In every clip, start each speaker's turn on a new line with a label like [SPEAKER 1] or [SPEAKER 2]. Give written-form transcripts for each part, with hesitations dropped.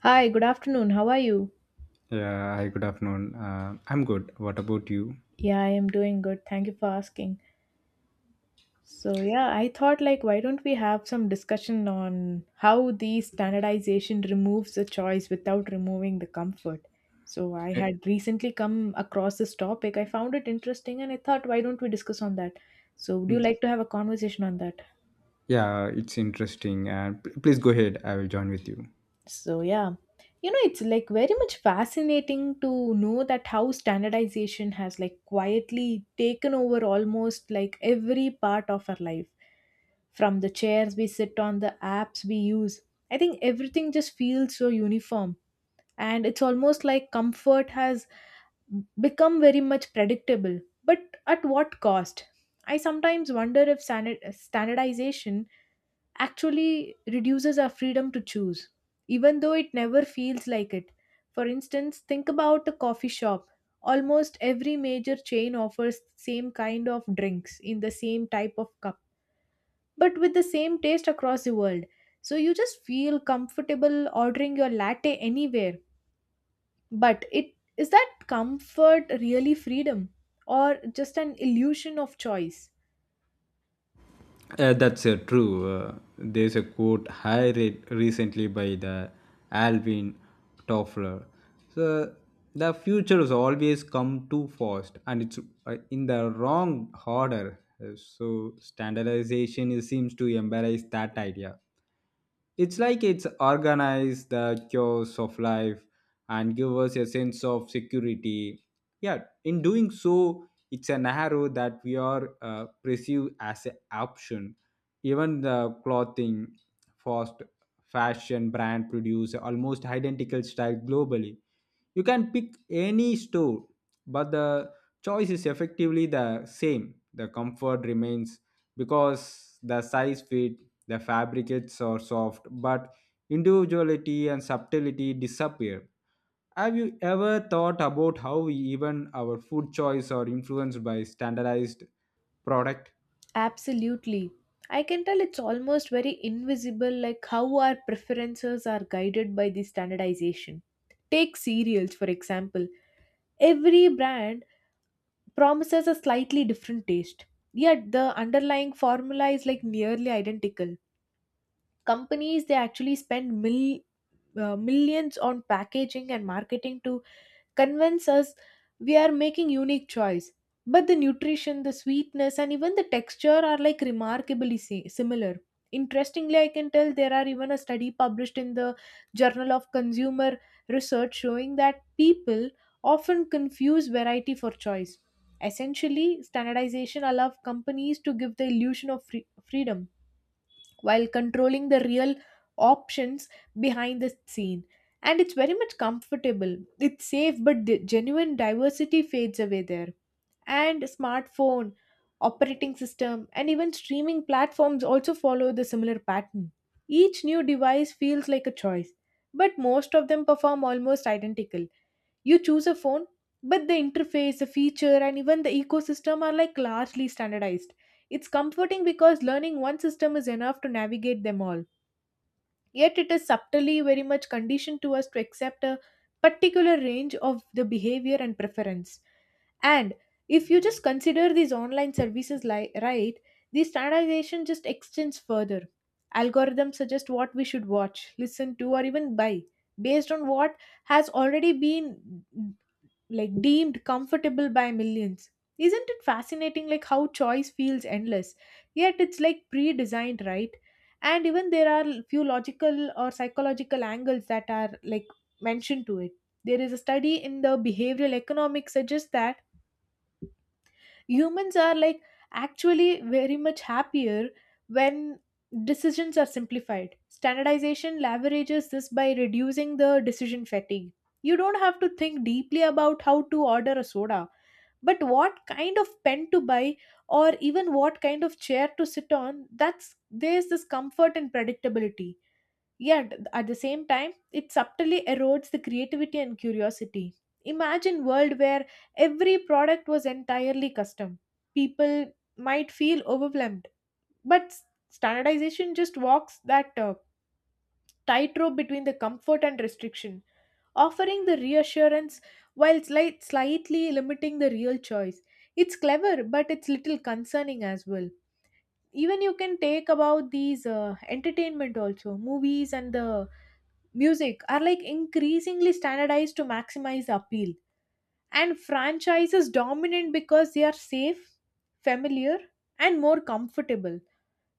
[SPEAKER 1] Hi, good afternoon. How are you?
[SPEAKER 2] Yeah, hi, good afternoon. I'm good. What about you?
[SPEAKER 1] Yeah, I am doing good. Thank you for asking. I thought like why don't we have some discussion on how the standardization removes the choice without removing the comfort. So, I
[SPEAKER 2] Eh,
[SPEAKER 1] had recently come across this topic. I found it interesting and I thought why don't we discuss on that? So, would you like to have a conversation on that?
[SPEAKER 2] Yeah, it's interesting. And please go ahead. I will join with you.
[SPEAKER 1] So, yeah, it's like very much fascinating to know that how standardization has like quietly taken over almost like every part of our life from the chairs we sit on, the apps we use. I think everything just feels so uniform, and it's almost like comfort has become very much predictable. But at what cost? I sometimes wonder if standardization actually reduces our freedom to choose, even though it never feels like it. For instance, think about a coffee shop. Almost every major chain offers same kind of drinks in the same type of cup, but with the same taste across the world. So you just feel comfortable ordering your latte anywhere. But it is that comfort really freedom or just an illusion of choice?
[SPEAKER 2] That's true. There's a quote high rate recently by the Alvin Toffler. So the future has always come too fast, and it's in the wrong order. So standardization seems to embrace that idea. It's like it's organized the chaos of life and give us a sense of security. Yeah, in doing so, it's an arrow that we are perceived as an option. Even the clothing, fast fashion brand produce almost identical style globally. You can pick any store, but the choice is effectively the same. The comfort remains because the size fit, the fabricates are soft, but individuality and subtlety disappear. Have you ever thought about how even our food choice are influenced by standardized product?
[SPEAKER 1] Absolutely. I can tell it's almost very invisible, like how our preferences are guided by the standardization. Take cereals, for example. Every brand promises a slightly different taste, yet the underlying formula is like nearly identical. Companies they actually spend millions on packaging and marketing to convince us we are making unique choice, but the nutrition, the sweetness, and even the texture are like remarkably similar. Interestingly, I can tell there are even a study published in the Journal of Consumer Research showing that people often confuse variety for choice. Essentially, standardization allows companies to give the illusion of freedom while controlling the real options behind the scene. And it's very much comfortable. It's safe, but the genuine diversity fades away there. And smartphone, operating system, and even streaming platforms also follow the similar pattern. Each new device feels like a choice, but most of them perform almost identical. You choose a phone, but the interface, the feature, and even the ecosystem are like largely standardized. It's comforting because learning one system is enough to navigate them all. Yet it is subtly very much conditioned to us to accept a particular range of the behavior and preference. And if you just consider these online services right, the standardization just extends further. Algorithms suggest what we should watch, listen to, or even buy based on what has already been like deemed comfortable by millions. Isn't it fascinating like how choice feels endless, yet it's like pre-designed, right? And even there are few logical or psychological angles that are like mentioned to it. There is a study in the behavioral economics suggests that humans are like actually very much happier when decisions are simplified. Standardization leverages this by reducing the decision fatigue. You don't have to think deeply about how to order a soda, but what kind of pen to buy or even what kind of chair to sit on. That's there's this comfort and predictability, yet at the same time it subtly erodes the creativity and curiosity. Imagine world where every product was entirely custom. People might feel overwhelmed, but standardization just walks that tightrope between the comfort and restriction, offering the reassurance while slightly limiting the real choice. It's clever, but it's little concerning as well. Even you can take about these entertainment also, movies and the music are like increasingly standardized to maximize the appeal. And franchises dominant because they are safe, familiar, and more comfortable.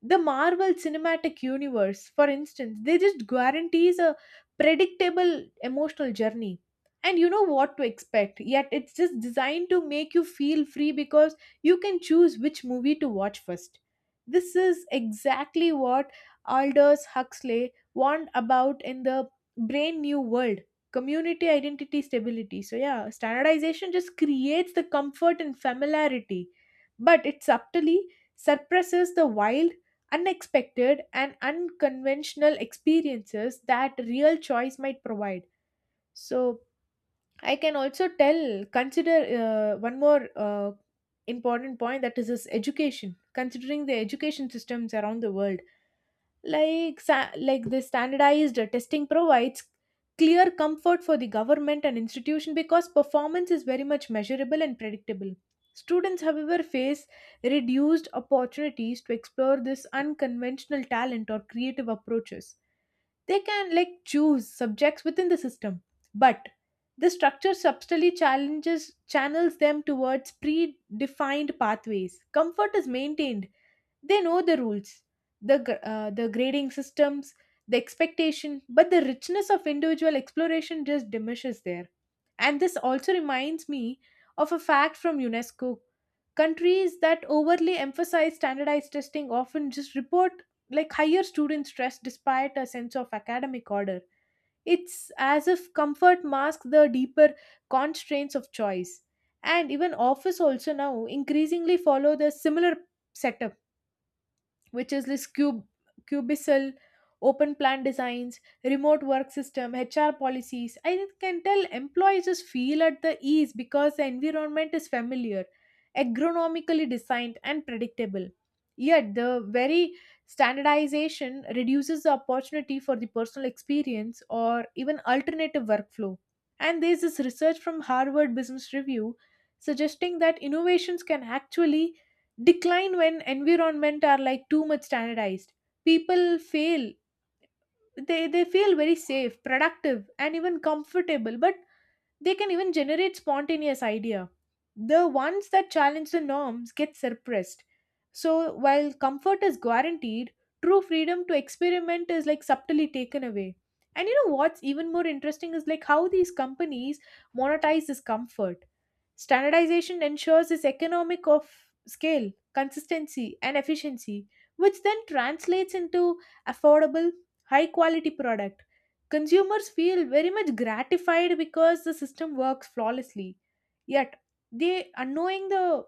[SPEAKER 1] The Marvel Cinematic Universe, for instance, they just guarantees a predictable emotional journey. And you know what to expect, yet it's just designed to make you feel free because you can choose which movie to watch first. This is exactly what Aldous Huxley warned about in the Brain New World: community, identity, stability. So, yeah, standardization just creates the comfort and familiarity, but it subtly suppresses the wild, unexpected, and unconventional experiences that real choice might provide. So I can also tell consider one more important point, that is this education. Considering the education systems around the world, like like the standardized testing provides clear comfort for the government and institution because performance is very much measurable and predictable. Students, however, face reduced opportunities to explore this unconventional talent or creative approaches. They can like choose subjects within the system, but the structure subtly challenges channels them towards predefined pathways. Comfort is maintained. They know the rules, the grading systems, the expectation, but the richness of individual exploration just diminishes there. And this also reminds me of a fact from UNESCO. Countries that overly emphasize standardized testing often just report like higher student stress despite a sense of academic order. It's as if comfort masks the deeper constraints of choice. And even office also now increasingly follow the similar setup, which is this cube cubicel, open plan designs, remote work system, HR policies. I can tell employees just feel at the ease because the environment is familiar, agronomically designed, and predictable. Yet the very standardization reduces the opportunity for the personal experience or even alternative workflow. And there's this research from Harvard Business Review suggesting that innovations can actually decline when environment are like too much standardized. People fail. They feel very safe, productive, and even comfortable, but they can even generate spontaneous idea. The ones that challenge the norms get suppressed. So while comfort is guaranteed, true freedom to experiment is like subtly taken away. And you know what's even more interesting is like how these companies monetize this comfort. Standardization ensures this economic of scale, consistency, and efficiency, which then translates into affordable, high quality product. Consumers feel very much gratified because the system works flawlessly. Yet, they unknowing the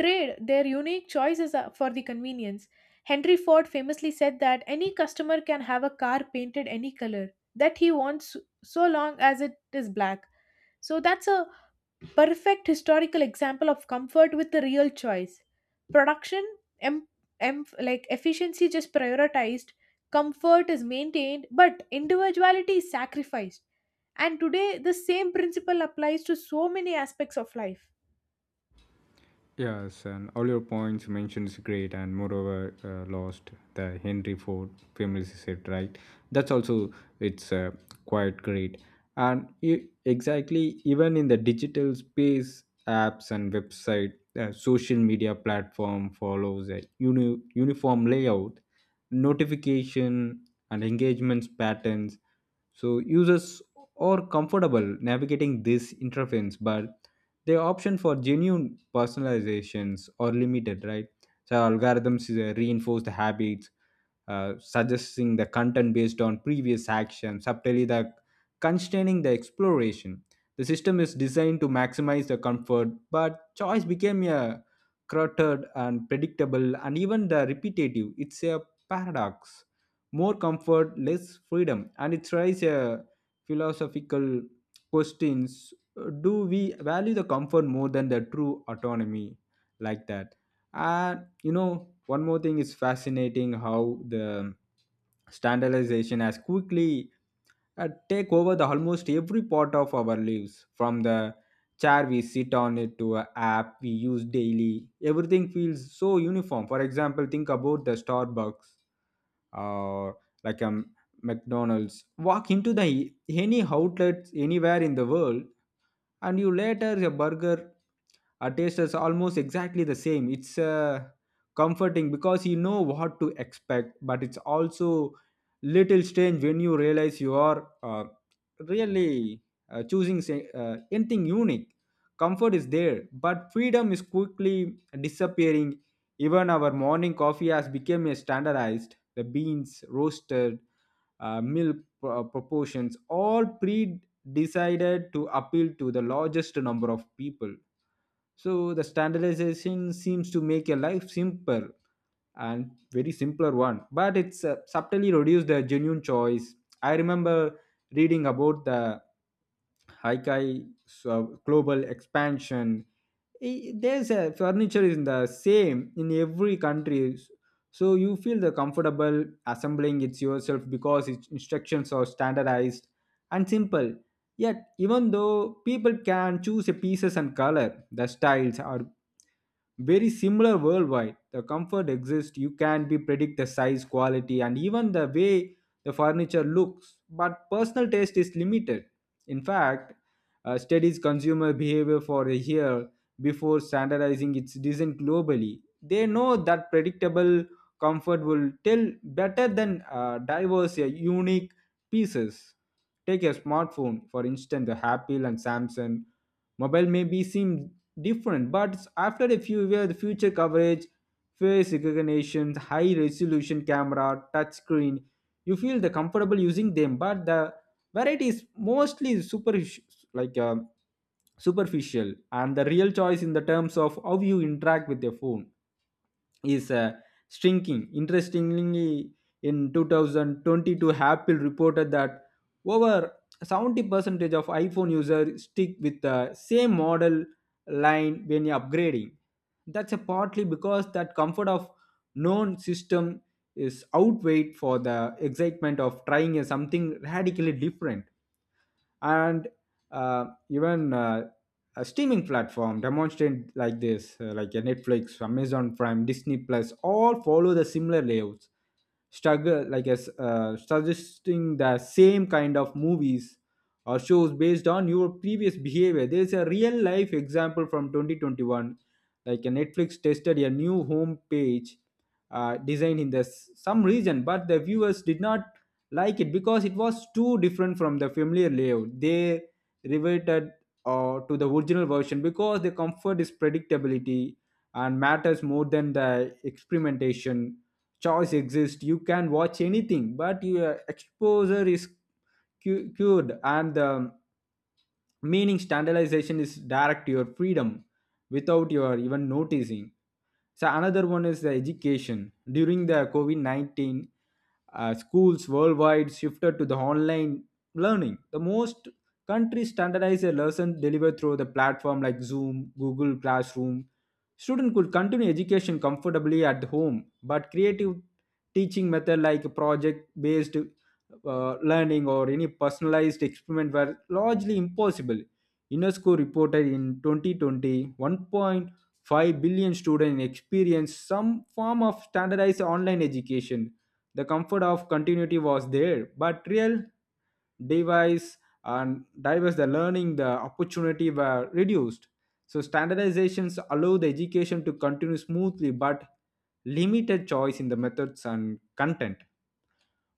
[SPEAKER 1] trade their unique choices are- for the convenience. Henry Ford famously said that any customer can have a car painted any color that he wants, so long as it is black. So that's a perfect historical example of comfort with the real choice. Production em- like efficiency just prioritized. Comfort is maintained, but individuality is sacrificed, and today the same principle applies to so many aspects of life.
[SPEAKER 2] Yes, and all your points you mentioned is great, and moreover, lost the Henry Ford famously said, right? That's also it's quite great, and exactly even in the digital space, apps and website, social media platform follows a uniform layout, notification and engagements patterns, so users are comfortable navigating this interface, but the option for genuine personalizations are limited, right? So algorithms reinforce the habits, suggesting the content based on previous action, subtly the constraining the exploration. The system is designed to maximize the comfort, but choice became a cluttered and predictable and even the repetitive. It's a paradox. More comfort, less freedom, and it raises a philosophical questions. Do we value the comfort more than the true autonomy, like that? And you know one more thing is fascinating how the standardization has quickly take over the almost every part of our lives from the chair we sit on it to a app we use daily. Everything feels so uniform. For example, think about the Starbucks or like a McDonald's. Walk into the any outlet anywhere in the world and you later a burger, a taste is almost exactly the same. It's comforting because you know what to expect, but it's also little strange when you realize you are really choosing say, anything unique. Comfort is there but freedom is quickly disappearing. Even our morning coffee has become a standardized. The beans roasted, uh, milk proportions, all pre decided to appeal to the largest number of people. So the standardization seems to make a life simpler and very simpler one, but it's subtly reduced the genuine choice. I remember reading about the Haikai so global expansion. There's a furniture is the same in every country, so you feel the comfortable assembling it yourself because its instructions are standardized and simple. Yet even though people can choose a pieces and color, the styles or very similar worldwide. The comfort exists. You can be predict the size, quality, and even the way the furniture looks. But personal taste is limited. In fact, studies consumer behavior for a year before standardizing its design globally. They know that predictable comfort will tell better than diverse, unique pieces. Take your smartphone, for instance, the Apple and Samsung mobile may be seem different. But after a few years, the future coverage, face recognition, high resolution camera, touch screen, you feel the comfortable using them. But the variety is mostly super like superficial, and the real choice in the terms of how you interact with your phone is shrinking. Interestingly, in 2022, Apple reported that over 70% of iPhone users stick with the same model line when upgrading. That's a partly because that comfort of known system is outweighed for the excitement of trying a something radically different and even a streaming platform demonstrate like this like a Netflix, Amazon Prime, Disney Plus, all follow the similar layouts struggle like as suggesting the same kind of movies or shows based on your previous behavior. There's a real life example from 2021, like a Netflix tested a new home page designed in the some region, but the viewers did not like it because it was too different from the familiar layout. They reverted to the original version because the comfort is predictability and matters more than the experimentation. Choice exists, you can watch anything, but your exposure is cured and the meaning standardization is direct to your freedom without your even noticing. So another one is the education. During the COVID 19, schools worldwide shifted to the online learning. The most countries standardized a lesson delivered through the platform like Zoom, Google Classroom. Student could continue education comfortably at home, but creative teaching method like project-based learning or any personalized experiment were largely impossible. UNESCO reported in 2021 1. 5 billion students experienced some form of standardized online education. The comfort of continuity was there, but real device and diverse the learning the opportunity were reduced. So standardizations allow the education to continue smoothly but limited choice in the methods and content.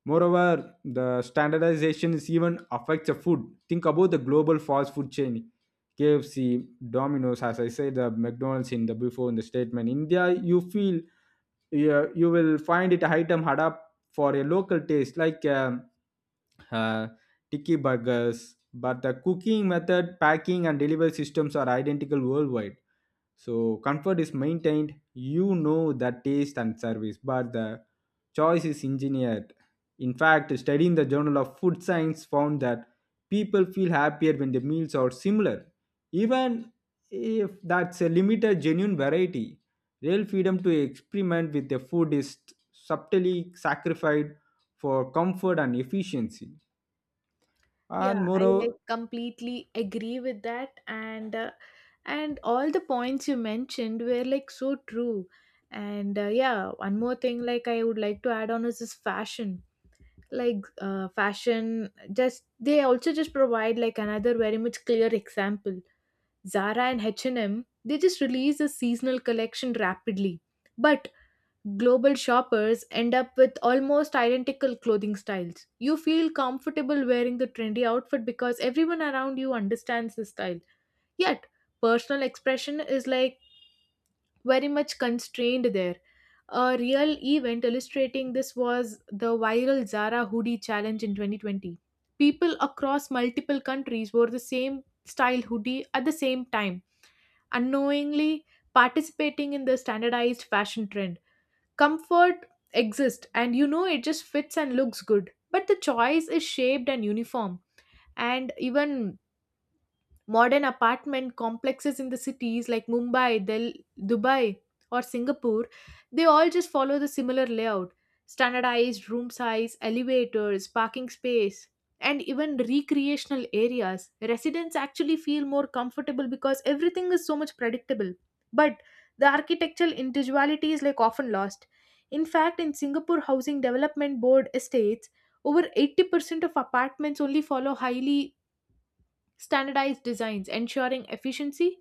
[SPEAKER 2] Moreover, the standardization is even affects the food. Think about the global fast food chain, KFC, Domino's, as I said, the McDonald's in the before in the statement. India, you feel, yeah, you will find it item hard up for a local taste like uh, tiki burgers, but the cooking method, packing, and delivery systems are identical worldwide. So comfort is maintained, you know the taste and service, but the choice is engineered. In fact, studying the Journal of Food Science found that people feel happier when the meals are similar, even if that's a limited genuine variety. Real freedom to experiment with the food is subtly sacrificed for comfort and efficiency. And
[SPEAKER 1] Yeah, I
[SPEAKER 2] moreover,
[SPEAKER 1] like completely agree with that, and all the points you mentioned were like so true. And yeah, one more thing like I would like to add on is this fashion. Like fashion just they also just provide like another very much clear example. Zara and H&M they just release a seasonal collection rapidly, but global shoppers end up with almost identical clothing styles. You feel comfortable wearing the trendy outfit because everyone around you understands the style, yet personal expression is like very much constrained there. A real event illustrating this was the viral Zara hoodie challenge in 2020. People across multiple countries wore the same style hoodie at the same time, unknowingly participating in the standardized fashion trend. Comfort exists, and you know it just fits and looks good, but the choice is shaped and uniform. And even modern apartment complexes in the cities like Mumbai, Dubai, or Singapore, they all just follow the similar layout: standardized room size, elevators, parking space, and even recreational areas. Residents actually feel more comfortable because everything is so much predictable. But the architectural individuality is like often lost. In fact, in Singapore Housing Development Board estates, over 80% of apartments only follow highly standardized designs, ensuring efficiency,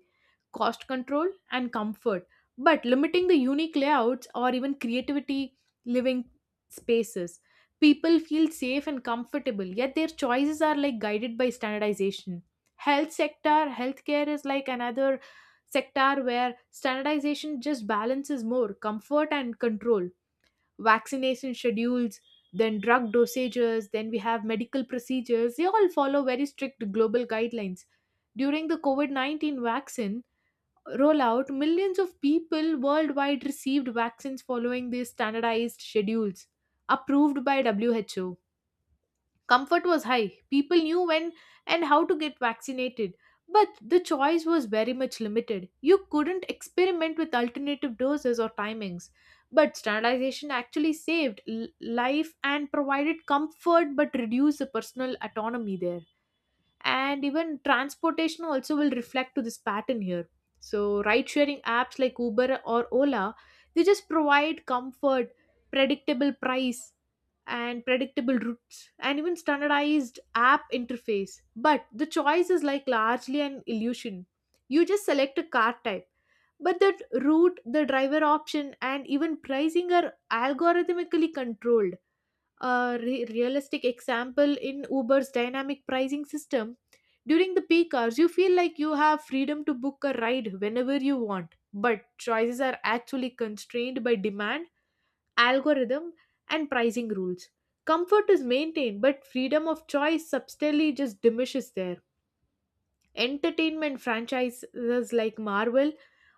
[SPEAKER 1] cost control, and comfort, but limiting the unique layouts or even creativity living spaces. People feel safe and comfortable, yet their choices are like guided by standardization. Health sector, healthcare is like another sector where standardization just balances more comfort and control. Vaccination schedules, then drug dosages, then we have medical procedures. They all follow very strict global guidelines. During the COVID 19 vaccine rollout, millions of people worldwide received vaccines following these standardized schedules approved by WHO. Comfort was high. People knew when and how to get vaccinated. But the choice was very much limited. You couldn't experiment with alternative doses or timings. But standardization actually saved life and provided comfort but reduced the personal autonomy there. And even transportation also will reflect to this pattern here. So ride sharing apps like Uber or Ola, they just provide comfort, predictable price, and predictable routes, and even standardized app interface, but the choice is like largely an illusion. You just select a car type, but that route, the driver option, and even pricing are algorithmically controlled. A realistic example in Uber's dynamic pricing system. During the peak hours, you feel like you have freedom to book a ride whenever you want, but choices are actually constrained by demand, algorithm, and pricing rules. Comfort is maintained, but freedom of choice substantially just diminishes there. Entertainment franchises like Marvel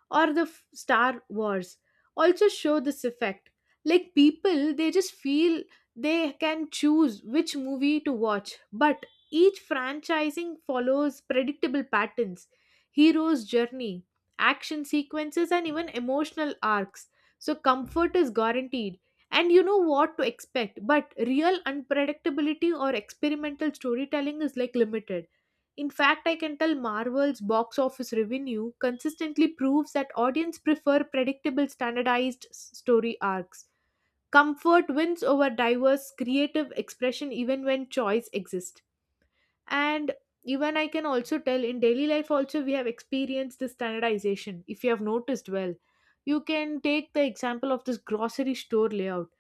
[SPEAKER 1] or Star Wars also show this effect. Like people, they just feel they can choose which movie to watch, but each franchising follows predictable patterns, hero's journey, action sequences, and even emotional arcs. So, comfort is guaranteed, and you know what to expect, but real unpredictability or experimental storytelling is like limited. In fact, I can tell Marvel's box office revenue consistently proves that audiences prefer predictable, standardized story arcs. Comfort wins over diverse creative expression even when choice exists. And even I can also tell in daily life also we have experienced this standardization if you have noticed well. You can take the example of this grocery store layout,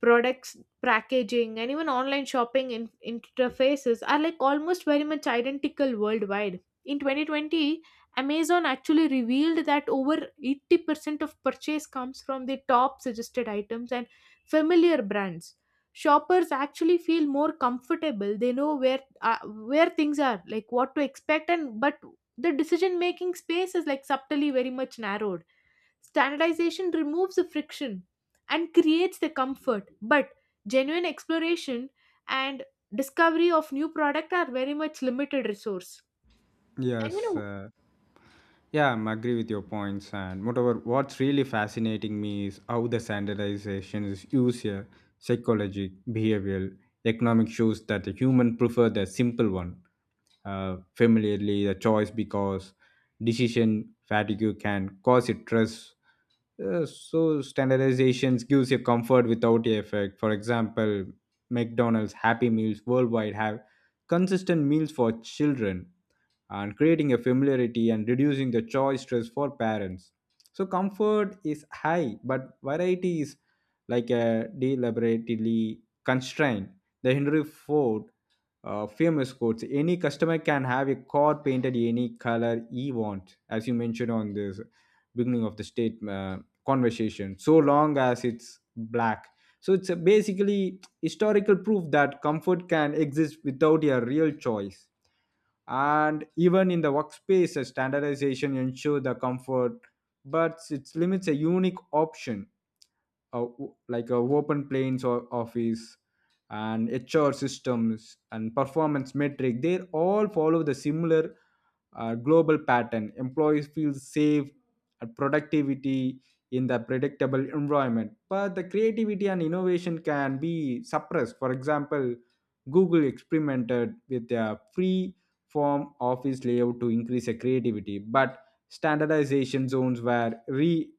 [SPEAKER 1] products, packaging, and even online shopping interfaces are like almost very much identical worldwide. In 2020, amazon actually revealed that over 80% of purchase comes from the top suggested items and familiar brands. Shoppers actually feel more comfortable, they know where things are, like what to expect, and but the decision making space is like subtly very much narrowed. Standardization removes the friction and creates the comfort, but genuine exploration and discovery of new product are very much limited resource. And you
[SPEAKER 2] yes.
[SPEAKER 1] know,
[SPEAKER 2] Yeah, I'm agree with your points. And moreover, what's really fascinating me is how the standardization is used here. Psychology, behavioral, economic shows that the human prefer the simple one. Familiarly, the choice because decision fatigue can cause it stress. So standardizations gives you comfort without the effect. For example, McDonald's Happy Meals worldwide have consistent meals for children and creating a familiarity and reducing the choice stress for parents. So comfort is high, but variety is like a deliberately constrained. The Henry Ford famous quotes: "Any customer can have a car painted any color he wants," as you mentioned on this beginning of the state conversation. So long as it's black. So it's a basically historical proof that comfort can exist without a real choice. And even in the workspace a standardization ensure the comfort, but it limits a unique option, uh, like a open planes or office, and HR systems and performance metric, they all follow the similar global pattern. Employees feel safe and productivity in the predictable environment, but the creativity and innovation can be suppressed. For example, Google experimented with a free form office layout to increase the creativity, but standardization zones were re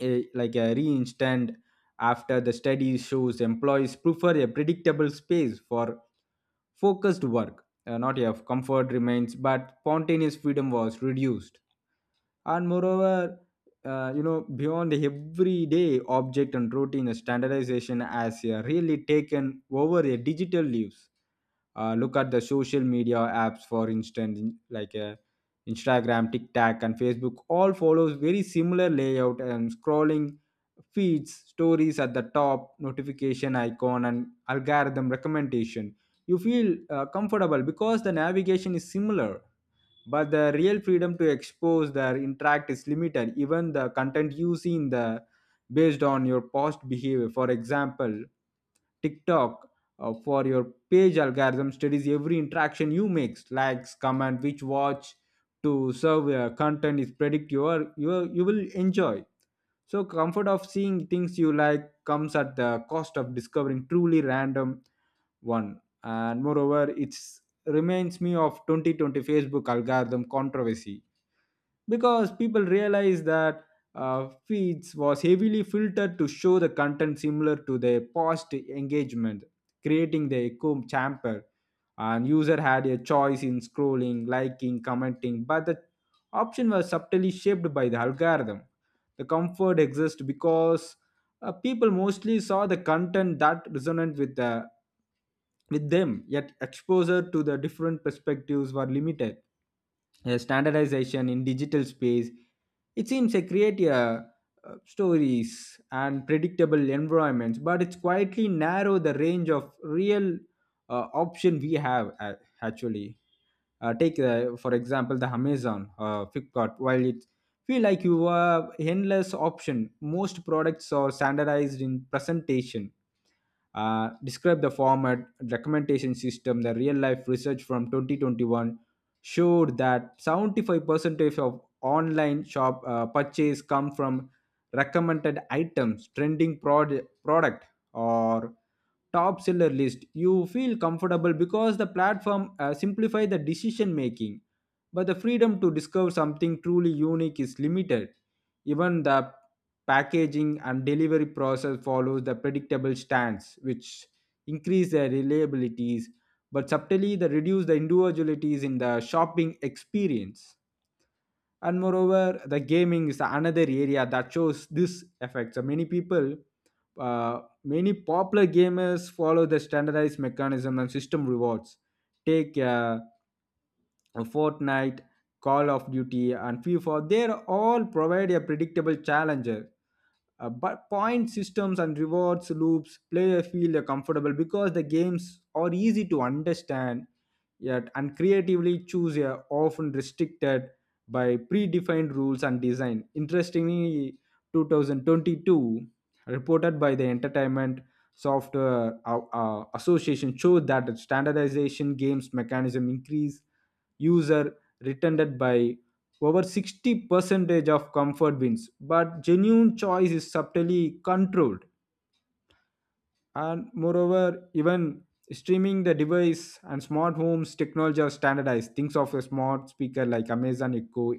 [SPEAKER 2] a, like a reinstated after the study shows employees prefer a predictable space for focused work. Not if comfort remains, but spontaneous freedom was reduced. And moreover, you know, beyond the everyday object and routine, standardization has really taken over a digital lives. Look at the social media apps, for instance, like Instagram, TikTok and Facebook all follows very similar layout and scrolling feeds, stories at the top, notification icon and algorithm recommendation. You feel comfortable because the navigation is similar, but the real freedom to expose their interact is limited. Even the content you see in the based on your past behavior. For example, TikTok, for your page algorithm studies every interaction you make, likes, comment, which watch, to serve content is predict your you will enjoy. So comfort of seeing things you like comes at the cost of discovering truly random one. And moreover, it reminds me of 2020 Facebook algorithm controversy because people realize that feeds was heavily filtered to show the content similar to their past engagement, creating the echo chamber. And user had a choice in scrolling, liking, commenting, but the option was subtly shaped by the algorithm. The comfort exists because people mostly saw the content that resonant with the with them, yet exposure to the different perspectives were limited. Standardization in digital space, it seems they create a stories and predictable environments, but it's quietly narrow the range of real option we have. Actually, take, for example, the Amazon, Flipkart, while it feel like you have endless option, most products are standardized in presentation, describe the format, documentation system, the real life research from 2021 showed that 75% of online shop purchase come from recommended items, trending product or top seller list. You feel comfortable because the platform simplify the decision making, but the freedom to discover something truly unique is limited. Even the packaging and delivery process follows the predictable stance, which increase their reliabilities but subtly they reduce the individualities in the shopping experience. And moreover, the gaming is another area that shows this effect. So many people, many popular gamers follow the standardized mechanism and system rewards. Take a Fortnite, Call of Duty and FIFA, they're all provide a predictable challenger, but point systems and rewards loops, player feel comfortable because the games are easy to understand, yet and creatively choose are often restricted by predefined rules and design. Interestingly, 2022 reported by the Entertainment Software Association showed that standardization games mechanism increase user retended by over 60 percentage of comfort wins, but genuine choice is subtly controlled. And moreover, even streaming the device and smart homes technology are standardized things of a smart speaker like Amazon Echo,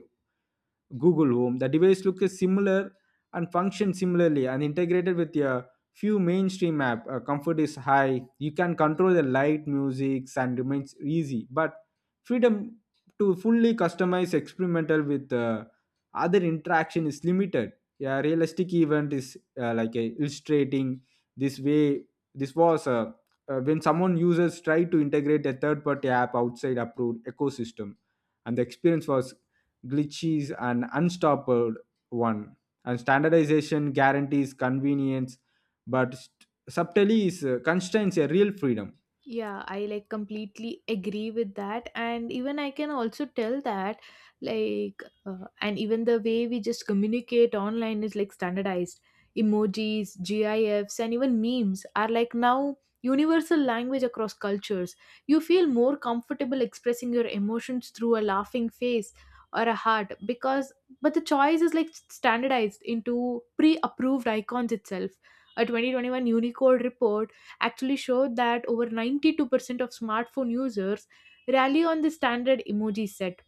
[SPEAKER 2] Google Home. The device looks similar and functions similarly and integrated with a few mainstream app. Comfort is high. You can control the light, music, and remains easy. But freedom to fully customize experimental with other interaction is limited. Yeah, realistic event is like illustrating this way. This was when someone users try to integrate a third-party app outside approved ecosystem and the experience was glitches and unstoppable one. And standardization guarantees convenience, but subtly is constraints a real freedom.
[SPEAKER 1] Yeah, I like completely agree with that. And even I can also tell that, and even the way we just communicate online is like standardized. Emojis, GIFs, and even memes are like now universal language across cultures. You feel more comfortable expressing your emotions through a laughing face or a heart because, but the choice is like standardized into pre approved icons itself. A 2021 Unicode report actually showed that over 92% of smartphone users rally on the standard emoji set,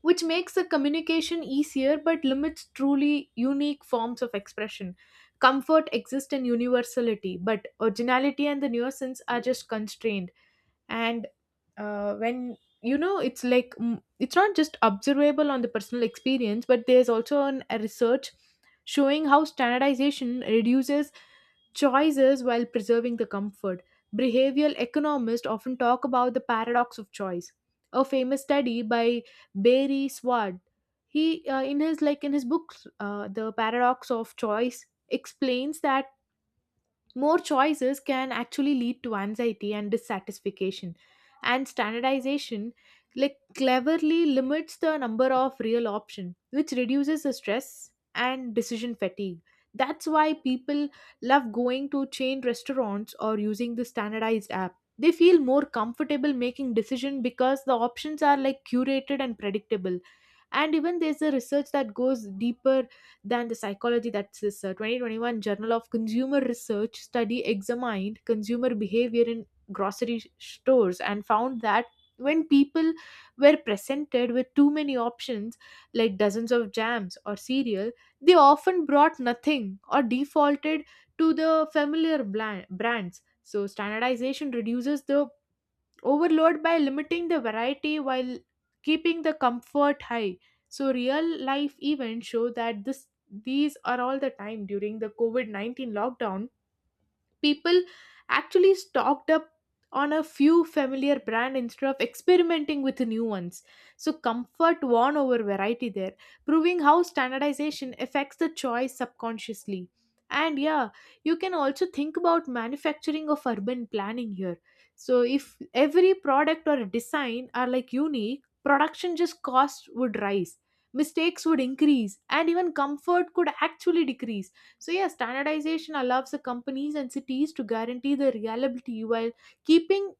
[SPEAKER 1] which makes the communication easier but limits truly unique forms of expression. Comfort exists in universality, but originality and the nuisance are just constrained. And when you know it's like it's not just observable on the personal experience, but there's also a research showing how standardization reduces choices while preserving the comfort. Behavioral economists often talk about the paradox of choice. A famous study by Barry Sward, he in his like in his book, the paradox of choice, explains that more choices can actually lead to anxiety and dissatisfaction. And standardization like cleverly limits the number of real options, which reduces the stress and decision fatigue. That's why people love going to chain restaurants or using the standardized app. They feel more comfortable making decision because the options are like curated and predictable. And even there's a research that goes deeper than the psychology. That's this 2021 Journal of Consumer Research study examined consumer behavior in grocery stores, and found that when people were presented with too many options, like dozens of jams or cereal, they often brought nothing or defaulted to the familiar brands. So, standardization reduces the overload by limiting the variety while keeping the comfort high. So real life events show that this these are all the time. During the covid-19 lockdown, people actually stocked up on a few familiar brand instead of experimenting with new ones. So comfort won over variety there, proving how standardization affects the choice subconsciously. And yeah, you can also think about manufacturing of urban planning here. So if every product or design are like unique, production just costs would rise, mistakes would increase, and even comfort could actually decrease. So, yeah, standardization allows the companies and cities to guarantee the reliability while keeping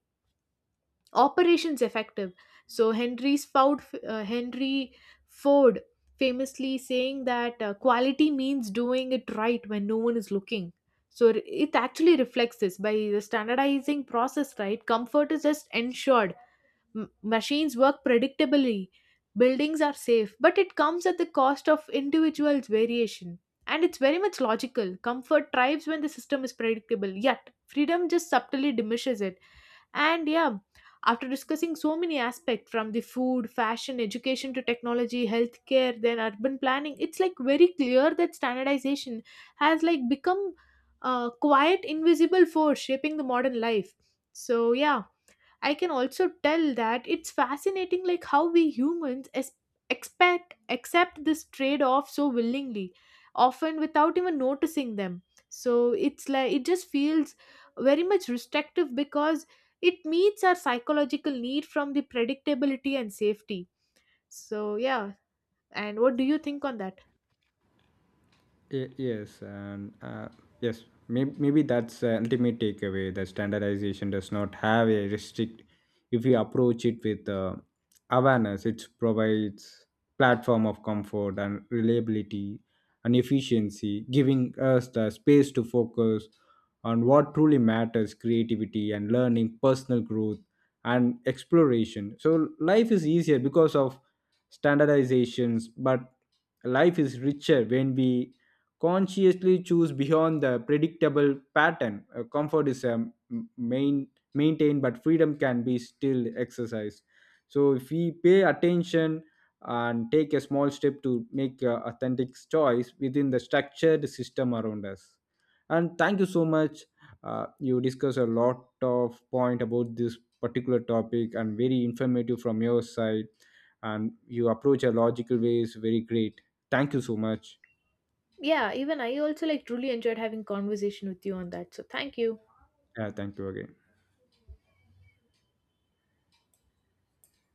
[SPEAKER 1] operations effective. So, Henry Ford famously saying that quality means doing it right when no one is looking. So, it actually reflects this by the standardizing process, right? Comfort is just ensured. Machines work predictably, buildings are safe, but it comes at the cost of individuals' variation. And it's very much logical. Comfort thrives when the system is predictable, yet freedom just subtly diminishes it. And yeah, after discussing so many aspects from the food, fashion, education to technology, healthcare, then urban planning, it's like very clear that standardization has like become a quiet invisible force shaping the modern life. So yeah, I can also tell that it's fascinating like how we humans expect accept this trade off so willingly, often without even noticing them. So it's like it just feels very much restrictive because it meets our psychological need from the predictability and safety. So yeah, and what do you think on that?
[SPEAKER 2] Yes, and yes, maybe that's the ultimate takeaway that standardization does not have a restrict. If we approach it with awareness, it provides platform of comfort and reliability and efficiency, giving us the space to focus on what truly matters: creativity and learning, personal growth and exploration. So life is easier because of standardizations, but life is richer when we consciously choose beyond the predictable pattern. Comfort is a m- main maintained, but freedom can be still exercised. So if we pay attention and take a small step to make a authentic choice within the structured system around us. And thank you so much. You discuss a lot of point about this particular topic and very informative from your side. And you approach a logical ways very great. Thank you so much.
[SPEAKER 1] Yeah, even I also like truly enjoyed having conversation with you on that, so thank you.
[SPEAKER 2] Yeah, thank you again.